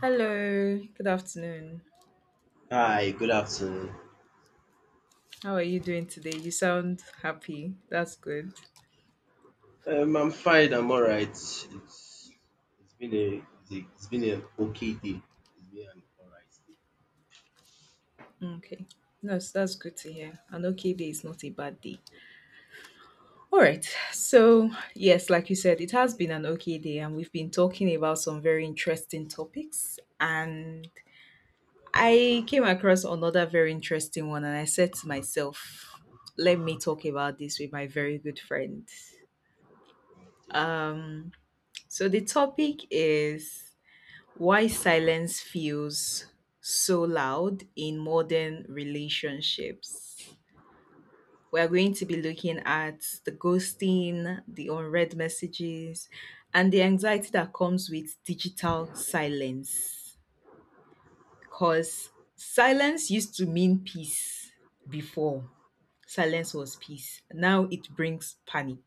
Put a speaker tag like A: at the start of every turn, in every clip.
A: Hello, good afternoon.
B: Hi, good afternoon.
A: How are you doing today? You sound happy. That's good.
B: I'm fine. I'm all right. It's been an okay day. It's been an all right
A: Okay. No, so that's good to hear. An okay day is not a bad day. All right. So, yes, like you said, it has been an okay day, and we've been talking about some very interesting topics. And I came across another very interesting one, and I said to myself, let me talk about this with my very good friend.
B: day.
A: Um, so, the topic is: why silence feels so loud in modern relationships. We're going to be looking at the ghosting, the unread messages, and the anxiety that comes with digital silence. Because silence used to mean peace before. Silence was peace. Now it brings panic.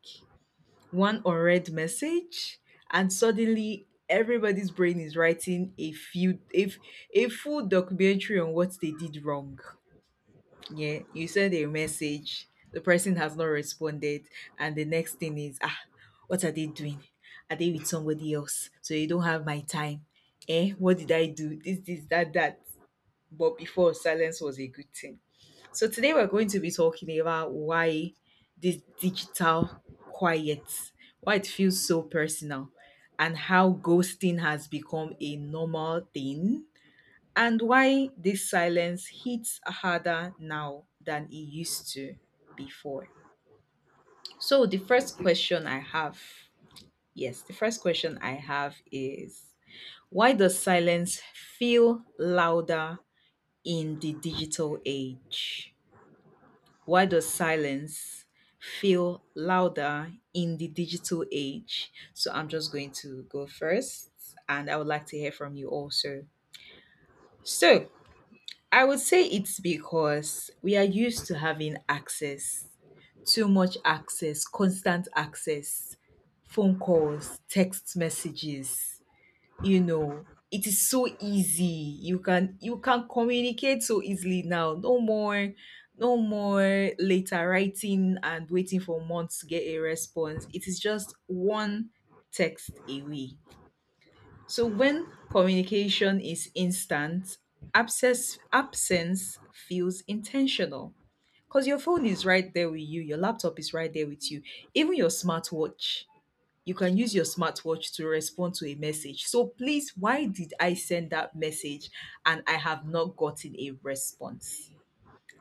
A: One unread message, and suddenly everybody's brain is writing a few if a full documentary on what they did wrong. Yeah, you send a message, the person has not responded, and the next thing is, ah, what are they doing? Are they with somebody else, so you don't have my time? Eh, what did I do? This that? But before, silence was a good thing. So today we're going to be talking about why this digital quiet, why it feels so personal, and how ghosting has become a normal thing, and why this silence hits harder now than it used to before. So the first
B: Okay.
A: question I have, yes, the first question I have is, why does silence feel louder in the digital age? Why does silence feel louder in the digital age? So I'm just going to go first, and I would like to hear from you also. So I would say it's because we are used to having access, too much access, constant access, phone calls, text messages. You know, it is so easy, you can communicate so easily now. No more, no more later writing and waiting for months to get a response. It is just one text away. So when communication is instant, absence feels intentional. Because your phone is right there with you, your laptop is right there with you, even your smartwatch. You can use your smartwatch to respond to a message. So please, why did I send that message and I have not gotten a response?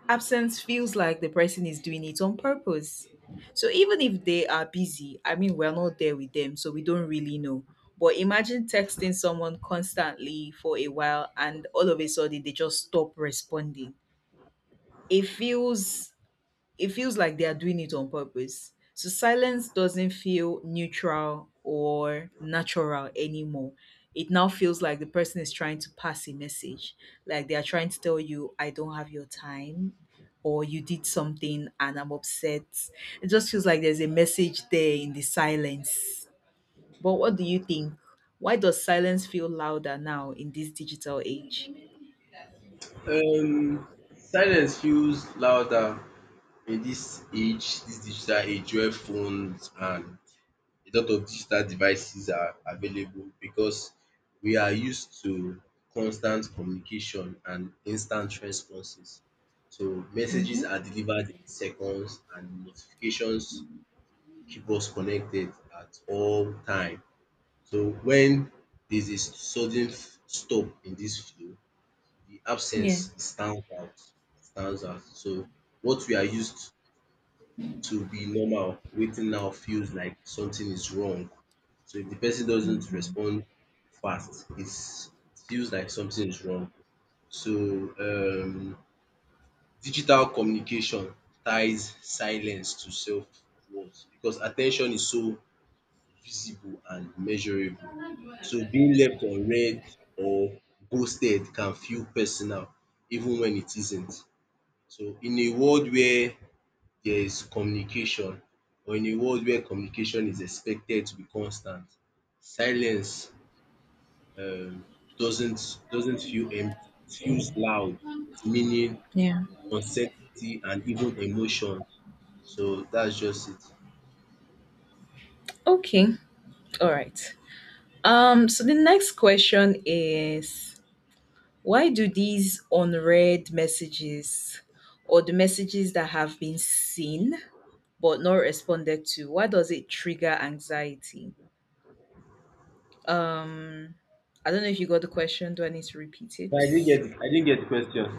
A: Absence feels like the person is doing it on purpose. So even if they are busy, I mean, we're not there with them, so we don't really know. But imagine texting someone constantly for a while and all of a sudden they just stop responding. It feels it feels like they are doing it on purpose. So silence doesn't feel neutral or natural anymore. It now feels like the person is trying to pass a message, like they are trying to tell you, I don't have your time, or you did something and I'm upset. It just feels like there's a message there in the silence. But what do you think? Why does silence feel louder now in this digital age?
B: Okay. Silence feels louder in this age, this digital age where phones and a lot of digital devices are available because we are used to constant communication and instant responses. So
A: Mm-hmm.
B: messages are delivered in seconds and notifications keep us connected at all time. So when there's a sudden stop in this flow, the
A: Yeah.
B: absence stands out. Stands out. So what we are used to be normal, waiting now feels like something is wrong. So if the person doesn't
A: Mm-hmm.
B: respond fast, it feels like something is wrong. So, um, digital communication ties silence to self-worth because attention is so visible and measurable. So being left unread or ghosted can feel personal, even when it isn't. So in a world where there is communication, or in a world where communication is expected to be constant, silence um, doesn't feel empty. It feels loud. It's meaning,
A: Yeah.
B: uncertainty, and even emotion. So that's just it.
A: Okay. All right. So the next question is, why do these unread messages, or the messages that have been seen but not responded to, why does it trigger anxiety? Um, I don't know if you got the question. Do I need to repeat it?
B: But I didn't get the question.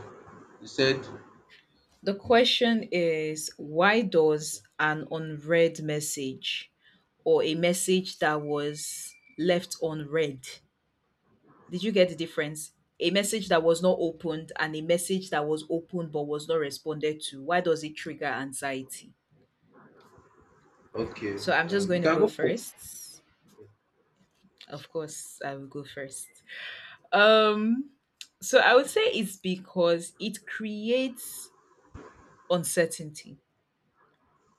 B: You said
A: The question is, why does an unread message, or a message that was left unread— did you get the difference? A message that was not opened and a message that was opened but was not responded to. Why does it trigger anxiety?
B: okay.
A: So I'm just
B: You
A: going to
B: can
A: go
B: go for
A: first. Of course, I will go first. Um so I would say it's because it creates uncertainty.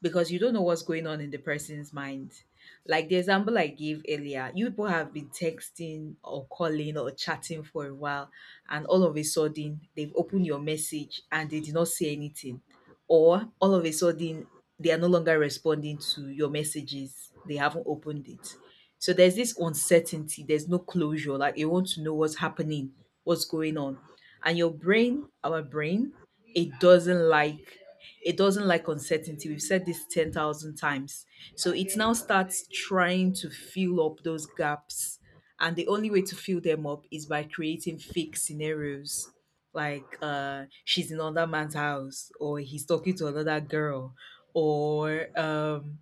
A: Because you don't know what's going on in the person's mind. Like the example I gave earlier, you people have been texting or calling or chatting for a while, and all of a sudden they've opened your message and they did not say anything, or all of a sudden they are no longer responding to your messages, they haven't opened it. So there's this uncertainty, there's no closure, like you want to know what's happening, what's going on. And our brain, it doesn't like it doesn't like uncertainty. We've said this 10,000 times. So it now starts trying to fill up those gaps. And the only way to fill them up is by creating fake scenarios. Like she's in another man's house, or he's talking to another girl, or um,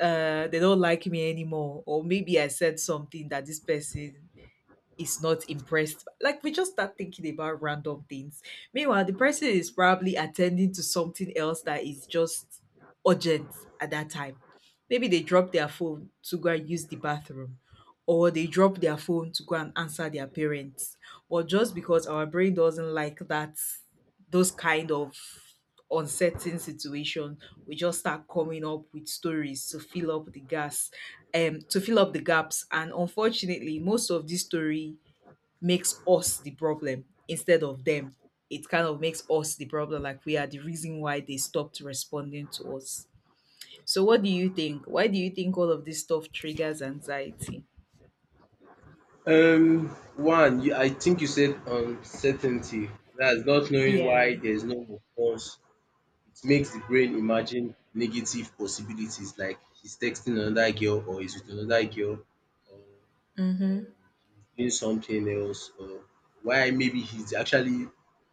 A: uh, they don't like me anymore, or maybe I said something that this person is not impressed. Like we just start thinking about random things. Meanwhile, the person is probably attending to something else that is just urgent at that time. Maybe they drop their phone to go and use the bathroom, or they drop their phone to go and answer their parents, or just because our brain doesn't like that, those kind of uncertain situation, we just start coming up with stories to fill up the gas to fill up the gaps. And unfortunately, most of this story makes us the problem instead of them. It kind of makes us the problem, like we are the reason why they stopped responding to us. So, what do you think? Why do you think all of this stuff triggers anxiety?
B: Um, one. I think you said uncertainty. That's not knowing
A: Yeah.
B: why there's no response. It makes the brain imagine negative possibilities like he's texting another girl or he's with another girl or
A: Mm-hmm.
B: um he's doing something else, or why maybe he's actually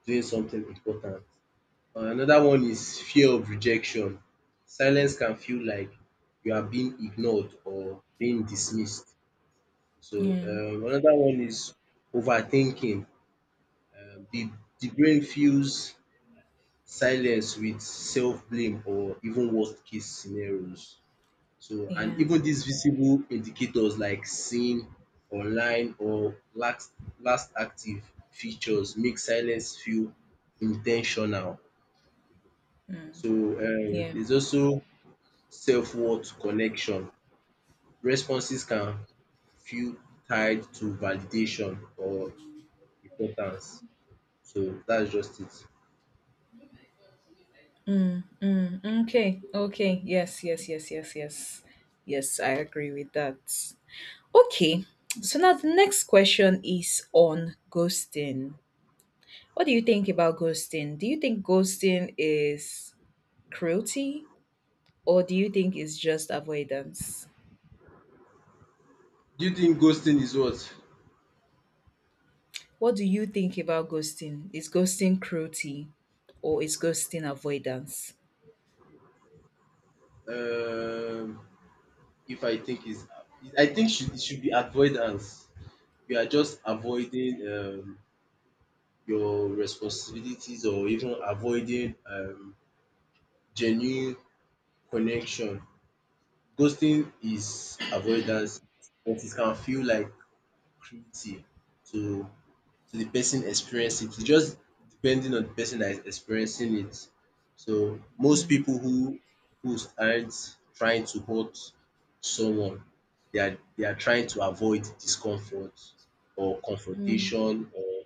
B: doing something important. Another one is fear of rejection. Silence can feel like you are being ignored or being dismissed. So
A: Yeah.
B: another one is overthinking. Um the the brain feels silence with self-blame or even worst case scenarios. So, and
A: Yeah.
B: even these visible indicators like seen online or last active features make silence feel intentional.
A: Mm.
B: So,
A: Yeah.
B: there's also self-worth connection. Responses can feel tied to validation or importance. So, that's just it.
A: Mm. Mm. Okay. Okay. Yes. Yes. Yes. Yes. Yes. Yes. I agree with that. Okay. So now the next question is on ghosting. What do you think about ghosting? Do you think ghosting is cruelty, or do you think it's just avoidance?
B: Do you think ghosting is what?
A: What do you think about ghosting? Is ghosting cruelty or is ghosting avoidance?
B: Um, If I think is, I think should it should be avoidance. You are just avoiding your responsibilities, or even avoiding genuine connection. Ghosting is avoidance, but it can feel like cruelty to the person experience it. It's just depending on the person that is experiencing it. So most
A: Mm,
B: people who aren't trying to hurt someone, they are trying to avoid discomfort or
A: mm,
B: confrontation or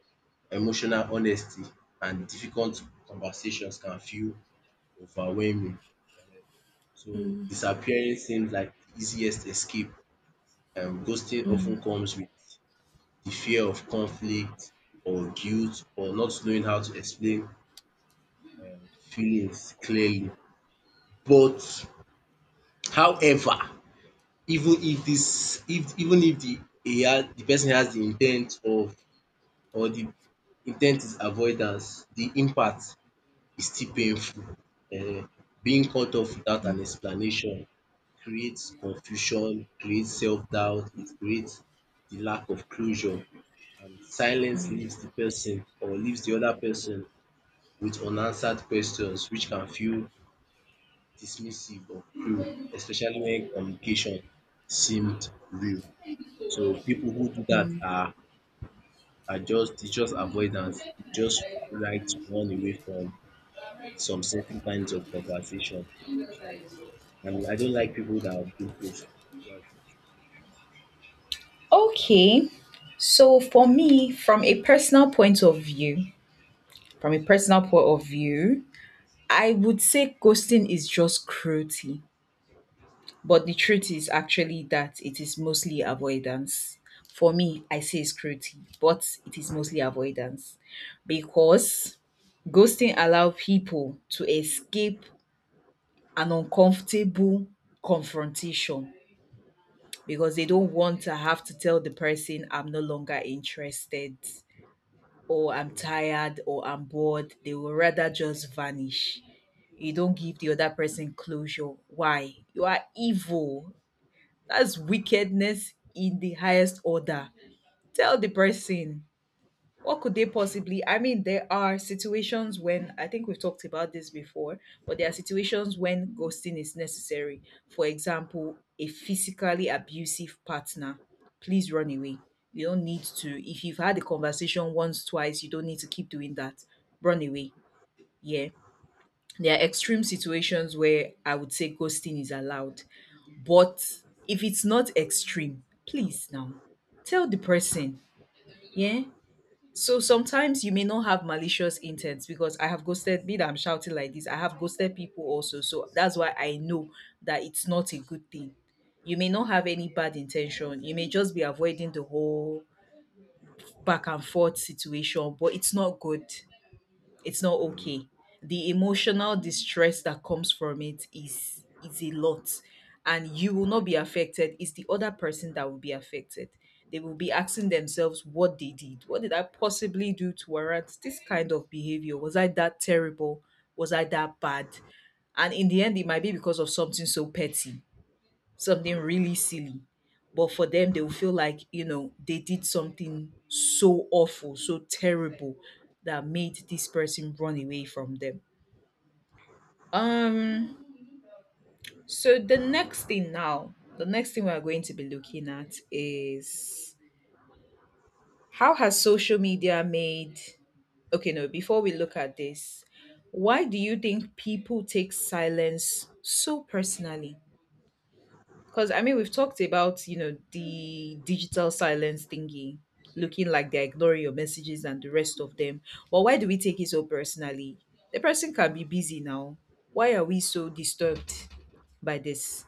B: emotional honesty, and difficult conversations can feel overwhelming. um So disappearing seems like the easiest escape, and ghosting
A: mm.
B: often comes with the fear of conflict or guilt or not knowing how to explain um feelings clearly. But however, even if the e had the person has the in ten t or the is avoidance, the impact is still painful. um Being cut off without an explanation creates confusion, creates self-doubt, it creates the lack of closure. And silence leaves the person or leaves the other person with unanswered questions, which can feel dismissive or cruel, especially when communication seemed real. So people who do that are just it's just avoidance. They just like to run away from some certain kinds of conversation. So, and I don't like people that do post. That's
A: Okay. So for me, from a personal point of view, from a personal point of view, I would say ghosting is just cruelty. But the truth is actually that it is mostly avoidance. For me, I say it's cruelty, but it is mostly avoidance because ghosting allow people to escape an uncomfortable confrontation, because they don't want to have to tell the person, I'm no longer interested, or I'm tired, or I'm bored. They will rather just vanish. You don't give the other person closure. Why? You are evil. That's wickedness in the highest order. Tell the person what could they possibly— I mean, there are situations when, I think we've talked about this before, but there are situations when ghosting is necessary. For example, a physically abusive partner. Please run away. You don't need to— if you've had a conversation once, twice, you don't need to keep doing that. Run away. Yeah, there are extreme situations where I would say ghosting is allowed. But if it's not extreme, please now, tell the person. Yeah. So sometimes you may not have malicious intent, because I have ghosted— me that I'm shouting like this, I have ghosted people also. So that's why I know that it's not a good thing. You may not have any bad intention. You may just be avoiding the whole back and forth situation, but it's not good. It's not okay. The emotional distress that comes from it is a lot. And you will not be affected. It's the other person that will be affected. They will be asking themselves what they did. What did I possibly do to warrant this kind of behavior? Was I that terrible? Was I that bad? And in the end, it might be because of something so petty, something really silly. But for them, they will feel like, you know, they did something so awful, so terrible, that made this person run away from them. Um, so the next thing now, the next thing we are going to be looking at is how has social media made— okay, no, before we look at this, why do you think people take silence so personally? Because, I mean, we've talked about, you know, the digital silence thingy, looking like they're ignoring your messages and the rest of them. But why do we take it so personally? The person can be busy now. Why are we so disturbed by this?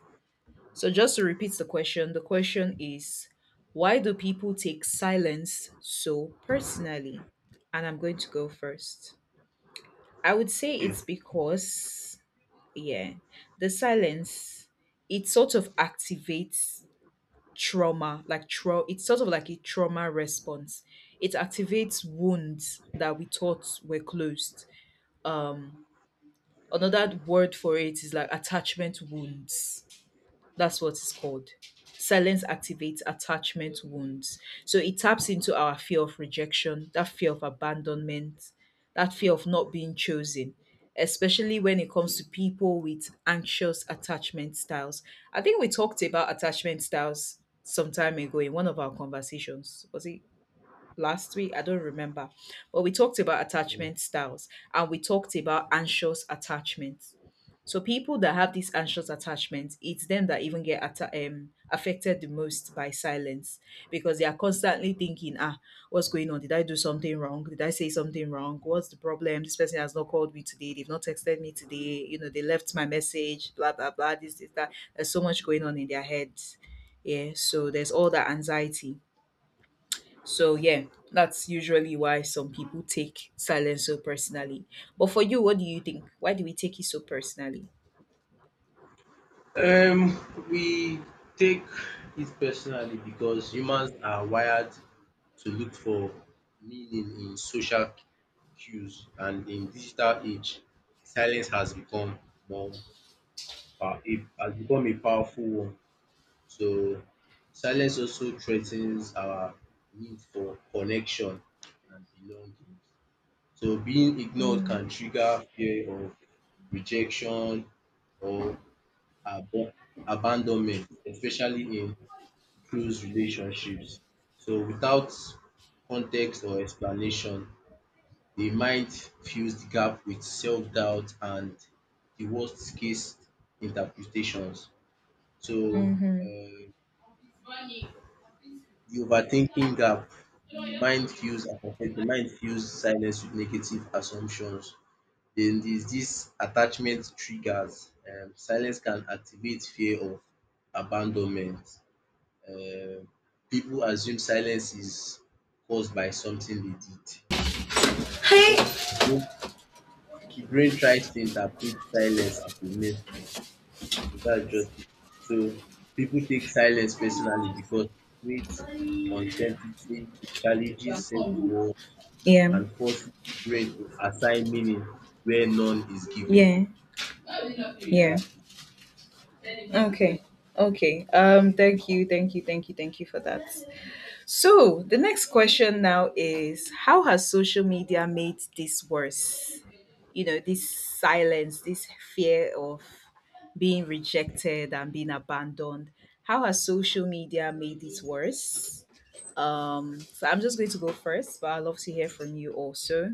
A: So just to repeat the question is, why do people take silence so personally? And I'm going to go first. I would say
B: it. Okay.
A: it's because, yeah, the silence, it sort of activates trauma, it's sort of like a trauma response. It activates wounds that we thought were closed. um another word for it is like attachment wounds. That's what it's called. Silence activates attachment wounds. So it taps into our fear of rejection, that fear of abandonment, that fear of not being chosen, especially when it comes to people with anxious attachment styles. I think we talked about attachment styles some time ago in one of our conversations. Was it last week? I don't remember. But we talked about attachment styles and we talked about anxious attachments. So people that have these anxious attachments, it's them that even get affected the most by silence because they are constantly thinking, what's going on? Did I do something wrong? Did I say something wrong? What's the problem? This person has not called me today. They've not texted me today. They left my message, blah, blah, blah, this, that. There's so much going on in their heads. Yeah. So there's all that anxiety. So yeah, that's usually why some people take silence so personally. But for you, what do you think? Why do we take it so personally?
B: Um, we take it personally because humans are wired to look for meaning in social cues, and in digital age, silence has become more it has become a powerful one. So, silence also threatens our need for connection and belonging. So being ignored
A: Mm.
B: can trigger fear of rejection or abo- abandonment, especially in close relationships. So without context or explanation, the mind fills the gap with self-doubt and the worst case interpretations. So,
A: Mm-hmm.
B: the overthinking gap, the mind fills silence with negative assumptions. Then there's this attachment triggers. Silence can activate fear of abandonment. Um, People assume silence is caused by something they did. And the brain tries to interpret silence as a message. So that's just it. So people take silence personally because it creates uncertainty, it challenges self-worth,
A: Yeah.
B: and forces the brain to assign meaning where none is given.
A: Yeah. Yeah. Okay. Okay. Thank you, thank you, thank you, thank you for that. So, the next question now is, how has social media made this worse? This silence, this fear of being rejected and being abandoned. How has social media made it worse? So I'm just going to go first, but I'd love to hear from you also.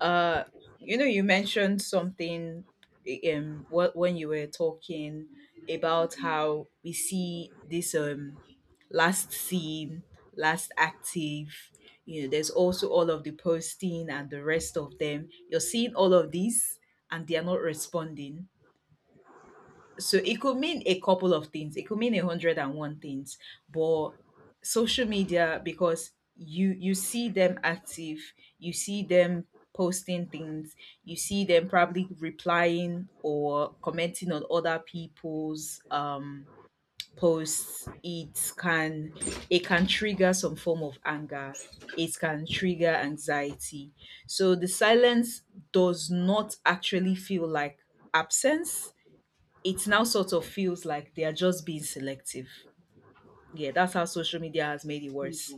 A: Uh, you mentioned something when you were talking about how we see this last seen, last active. There's also all of the posting and the rest of them. You're seeing all of these, and they are not responding, so it could mean a couple of things. It could mean a hundred and one things. But social media, because you see them active, you see them posting things, you see them probably replying or commenting on other people's posts. it can trigger some form of anger. It can trigger anxiety. So the silence does not actually feel like absence, it now sort of feels like they are just being selective. Yeah, that's how social media has made it worse.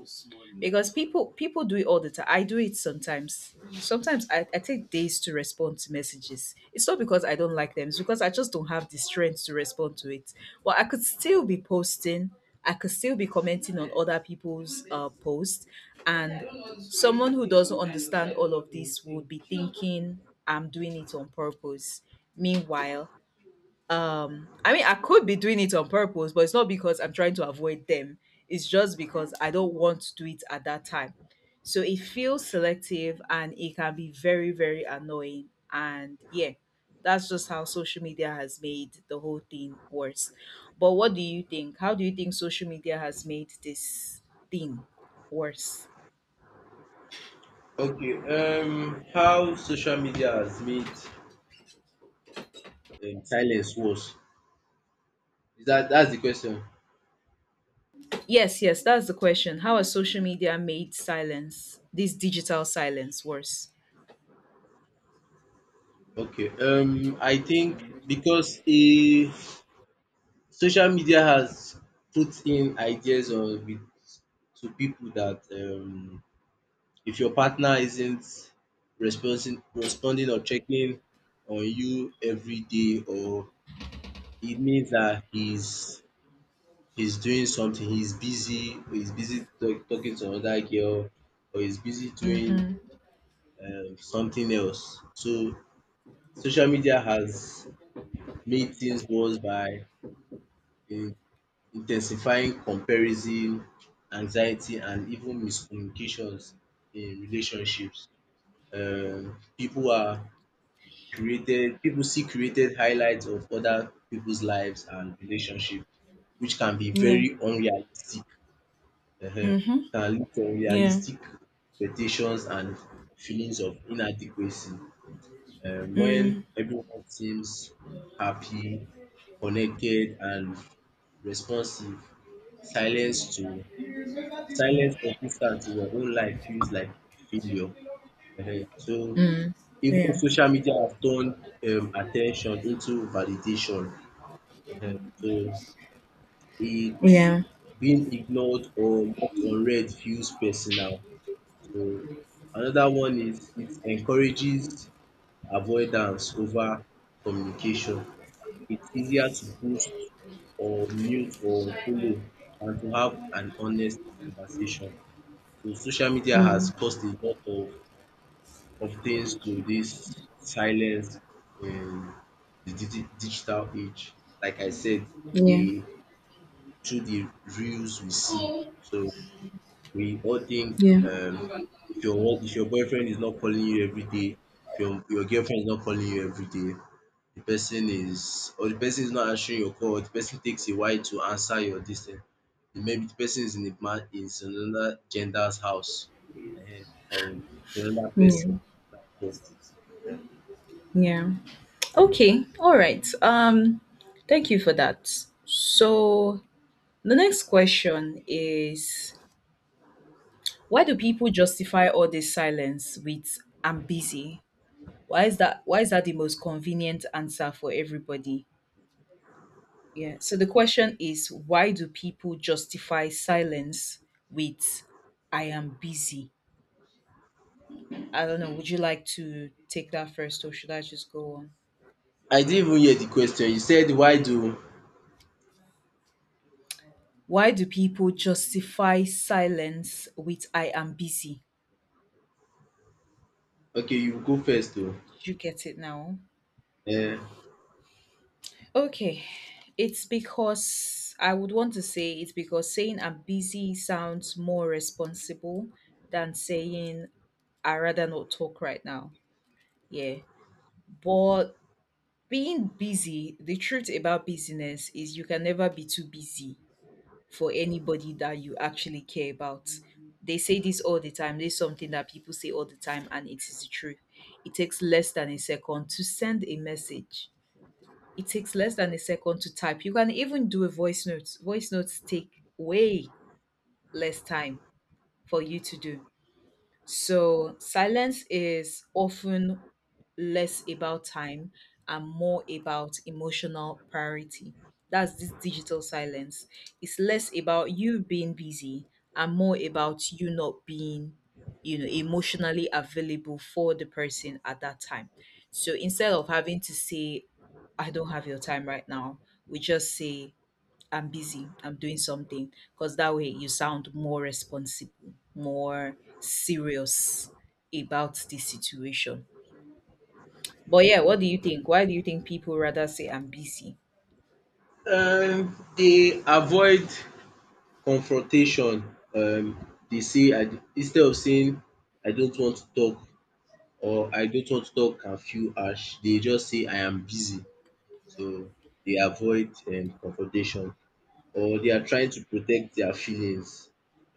A: Because people do it all the time. I do it sometimes. Sometimes I take days to respond to messages. It's not because I don't like them, it's because I just don't have the strength to respond to it. Well, I could still be posting, I could still be commenting on other people's posts, and someone who doesn't understand all of this would be thinking I'm doing it on purpose. Meanwhile, I mean, I could be doing it on purpose, but it's not because I'm trying to avoid them. It's just because I don't want to do it at that time. So it feels selective and it can be very, very annoying. And yeah, that's just how social media has made the whole thing worse. But what do you think? How do you think social media has made this thing worse?
B: Okay. How social media has made silence worse? Is that's the question?
A: Yes, yes, that's the question. How has social media made silence, this digital silence, worse?
B: Okay. I think because a social media has put in ideas on with to people that if your partner isn't responding or checking on you every day, or it means that he's doing something, he's busy talking to another girl, or he's busy doing something else. So social media has made things worse by in, intensifying comparison, anxiety, and even miscommunications in relationships. Um, people are People see created highlights of other people's lives and relationships, which can be
A: Yeah.
B: very unrealistic, um
A: Mm-hmm.
B: can lead to
A: Yeah.
B: unrealistic expectations and feelings of inadequacy. When
A: Mm.
B: everyone seems happy, connected and responsive, silence to silence consistant in your own life feels like a failure. Uh huh. So
A: Mm.
B: even
A: Yeah.
B: social media have turned attention into validation. Uh huh. So it
A: Yeah.
B: being ignored or left unread feels personal. So another one is it encourages avoidance over communication. It's easier to ghost or mute or follow than to have an honest conversation. So social media has
A: Mm.
B: caused a lot of things to this silence in the digital age. Like I said,
A: Yeah.
B: the through the reels we see. So we all think
A: Yeah.
B: if your boyfriend is not calling you every day, if your girlfriend is not calling you every day, the person is not answering your call, or the person takes a while to answer your this thing, maybe the person is in a man is in another gender's house, or with another
A: Yeah.
B: person. That's just it.
A: Yeah. Okay. All right. Thank you for that. So the next question is, why do people justify all this silence with I'm busy? Why is that the most convenient answer for everybody? Yeah. So the question is, why do people justify silence with I am busy? I don't know. Would you like to take that first or should I just go on?
B: I didn't even hear the question. You said why do.
A: Why do people justify silence with I am busy?
B: Okay, you go first. Oo
A: Did you get it now?
B: um
A: Okay. It's because, I would want to say, it's because saying I'm busy sounds more responsible than saying I rather not talk right now. Yeah. But being busy, the truth about busyness is, you can never be too busy for anybody that you actually care about. They say this all the time. This is something that people say all the time, and it is the truth. It takes less than a second to send a message. It takes less than a second to type. You can even do a voice note. Voice notes take way less time for you to do. So silence is often less about time and more about emotional priority. That's this digital silence. It's less about you being busy and more about you not being emotionally available for the person at that time. So instead of having to say, I don't have your time right now, we just say, I'm busy, I'm doing something, because that way you sound more responsible, more serious about the situation. But yeah, what do you think? Why do you think people rather say I'm busy?
B: they avoid confrontation. um Dey say instead of saying I don't want to talk, or I don't want to talk can feel harsh, they just say I am busy. So they avoid confrontation, or they are trying to protect their feelings.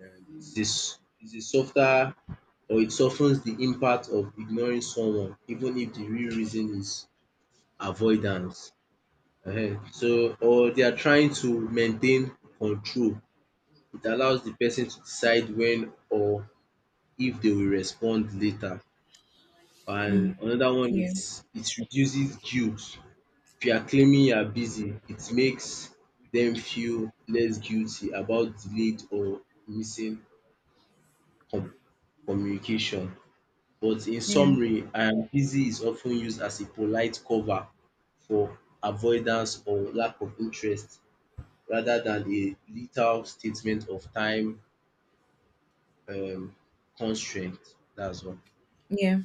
B: It's a softer, or it softens the impact of ignoring someone, even if the real reason is avoidance. So, or they are trying to maintain control. It allows the person to decide when or if they will respond later. And
A: Mm,
B: another one
A: yeah,
B: is it reduces guilt. If you are claiming you are busy, it makes them feel less guilty about delayed or missing com- communication. But in
A: yeah,
B: summary, I am busy is often used as a polite cover for avoidance or lack of interest, rather than a literal statement of time um constraint. That's all.
A: yeah,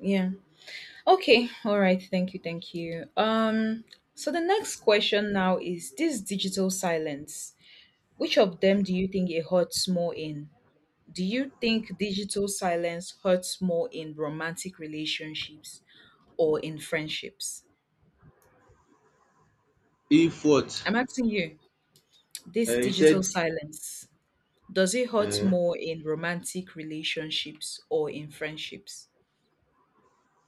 A: yeah. Okay, all right, thank you, thank you. So the next question now is this digital silence. Which of them do you think it hurts more in? Do you think digital silence hurts more in romantic relationships or in friendships?
B: If what?
A: I'm asking you, this
B: You said,
A: digital silence, does it hurt
B: um
A: more in romantic relationships or in friendships?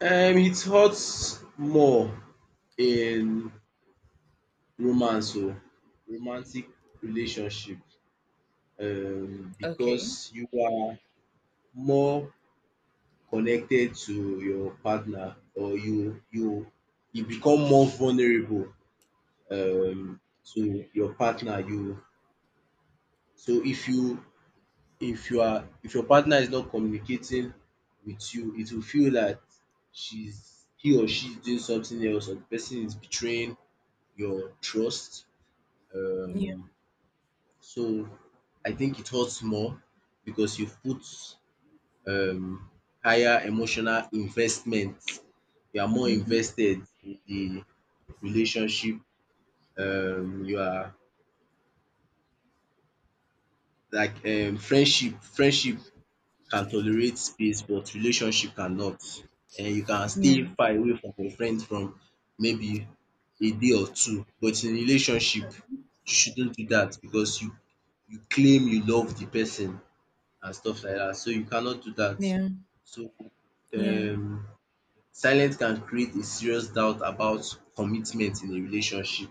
B: it hurts more in romance or romantic relationship,
A: Okay.
B: because you are more connected to your partner, or you become more vulnerable um to your partner. You so if you are if your partner is not communicating with you, it will feel that she's he or she is doing something else, or the person is betraying your trust. Um
A: Yeah.
B: so I think it hurts more because you've put um higher emotional investment. You are more
A: Mm-hmm.
B: invested in the relationship. You are like friendship can tolerate space, but relationship cannot. And you can
A: Yeah.
B: stay far away from your friends from maybe a day or two, but in relationship you shouldn't do that because you claim you love the person and stuff like that. So you cannot do that.
A: Yeah.
B: So
A: Yeah.
B: um silence can create a serious doubt about commitment in a relationship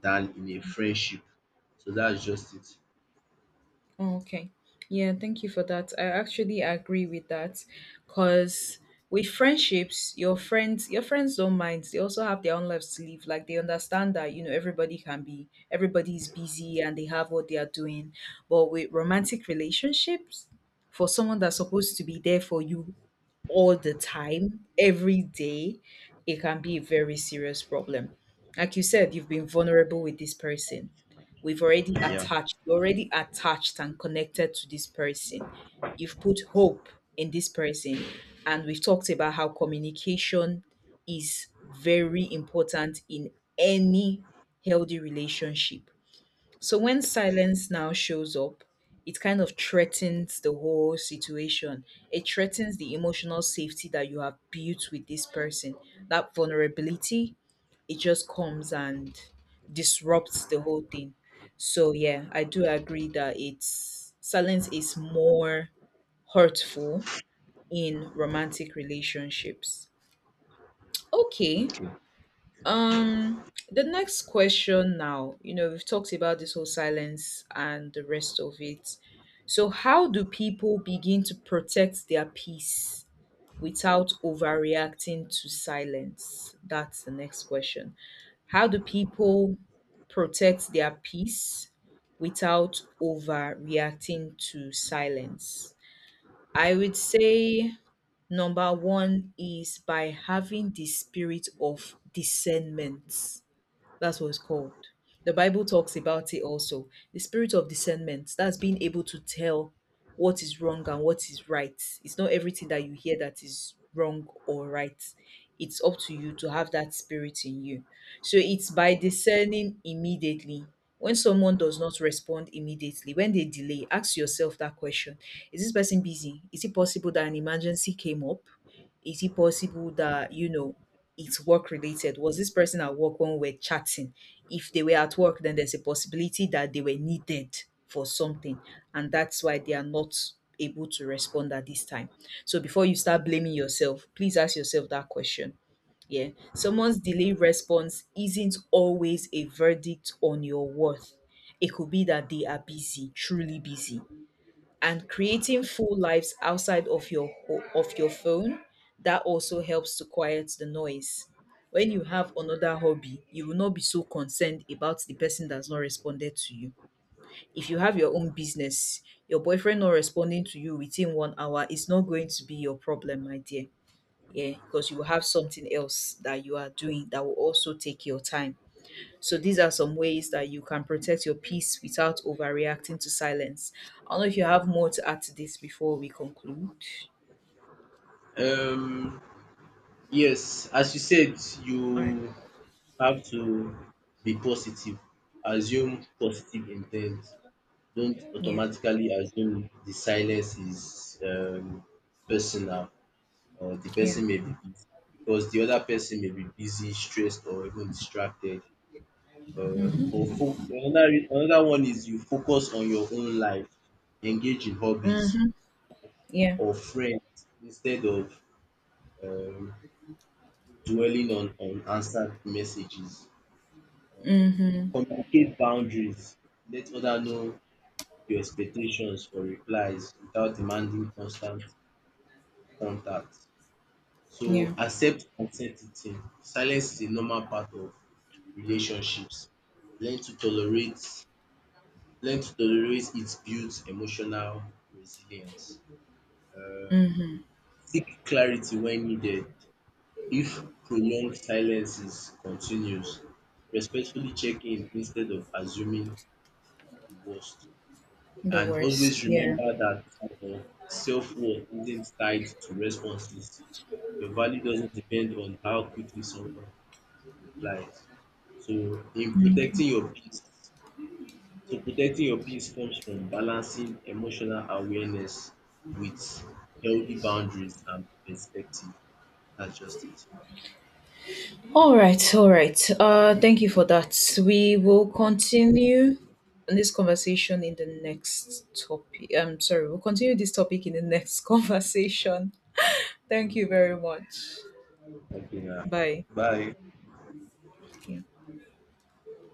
B: than in a friendship. So that's just it.
A: Oh, okay. Yeah, thank you for that. I actually agree with that, because with friendships, your friends don't mind. They also have their own lives to live. Like, they understand that everybody can be, everybody's busy, and they have what they are doing. But with romantic relationships, for someone that's supposed to be there for you all the time, every day, it can be a very serious problem. Like you said, you've been vulnerable with this person. We've already
B: Yeah.
A: attached, you're already attached and connected to this person. You've put hope in this person. And we've talked about how communication is very important in any healthy relationship. So when silence now shows up, it kind of threatens the whole situation. It threatens the emotional safety that you have built with this person. That vulnerability, it just comes and disrupts the whole thing. So yeah, I do agree that it's silence is more hurtful in romantic relationships. Okay, um, the next question now, we've talked about this whole silence and the rest of it. So, how do people begin to protect their peace without overreacting to silence? That's the next question. How do people protect their peace without overreacting to silence? I would say number one is by having the spirit of discernment. That's what it's called. The Bible talks about it also. The spirit of discernment, that's being able to tell what is wrong and what is right. It's not everything that you hear that is wrong or right. It's up to you to have that spirit in you. So it's by discerning immediately. When someone does not respond immediately, when they delay, ask yourself that question: Is this person busy? Is it possible that an emergency came up? Is it possible that it's work related? Was this person at work when we're chatting? If they were at work, then there's a possibility that they were needed for something. And that's why they are not able to respond at this time. So before you start blaming yourself, please ask yourself that question. Yeah. Someone's delayed response isn't always a verdict on your worth. It could be that they are busy, truly busy, and creating full lives outside of your phone. That also helps to quiet the noise. When you have another hobby, you will not be so concerned about the person that's not responded to you. If you have your own business, your boyfriend not responding to you within 1 hour is not going to be your problem, my dear. Yeah, because you will have something else that you are doing that will also take your time. So these are some ways that you can protect your peace without overreacting to silence. I don't know if you have more to add to this before we conclude.
B: Um yes, as you said,
A: All right.
B: you have to be positive. Assume positive intent. Don't
A: Yeah.
B: automatically assume the silence is personal, or the
A: Yeah.
B: person may be busy, because the other person may be busy, stressed, or even distracted. Or another one is, you focus on your own life, engage in hobbies
A: Mhm. Yeah.
B: or friends instead of um, dwelling on unanswered messages. um
A: Mhm.
B: Communicate boundaries. Let others know your expectations for replies without demanding constant contact. So
A: Yeah.
B: accept uncertainty. Silence is a normal part of relationships. Learn to tolerate Learn to tolerate it, builds emotional resilience. Um,
A: Mhm.
B: Seek clarity when needed. If prolonged silence is continuous, respectfully check in instead of assuming the worst.
A: The
B: And
A: worst.
B: always
A: Yeah.
B: remember that self worth isn't tied to responses. Your value doesn't depend on how quickly someone replies. So, in protecting your peace, protecting your peace comes from balancing emotional awareness with healthy boundaries and perspective. That's just it.
A: All right. All right. Thank you for that. We will continue this conversation in the next topic. I'm sorry. We'll continue this topic in the next conversation. Thank you very much.
B: Okay, now.
A: Bye.
B: Bye.
A: Yeah.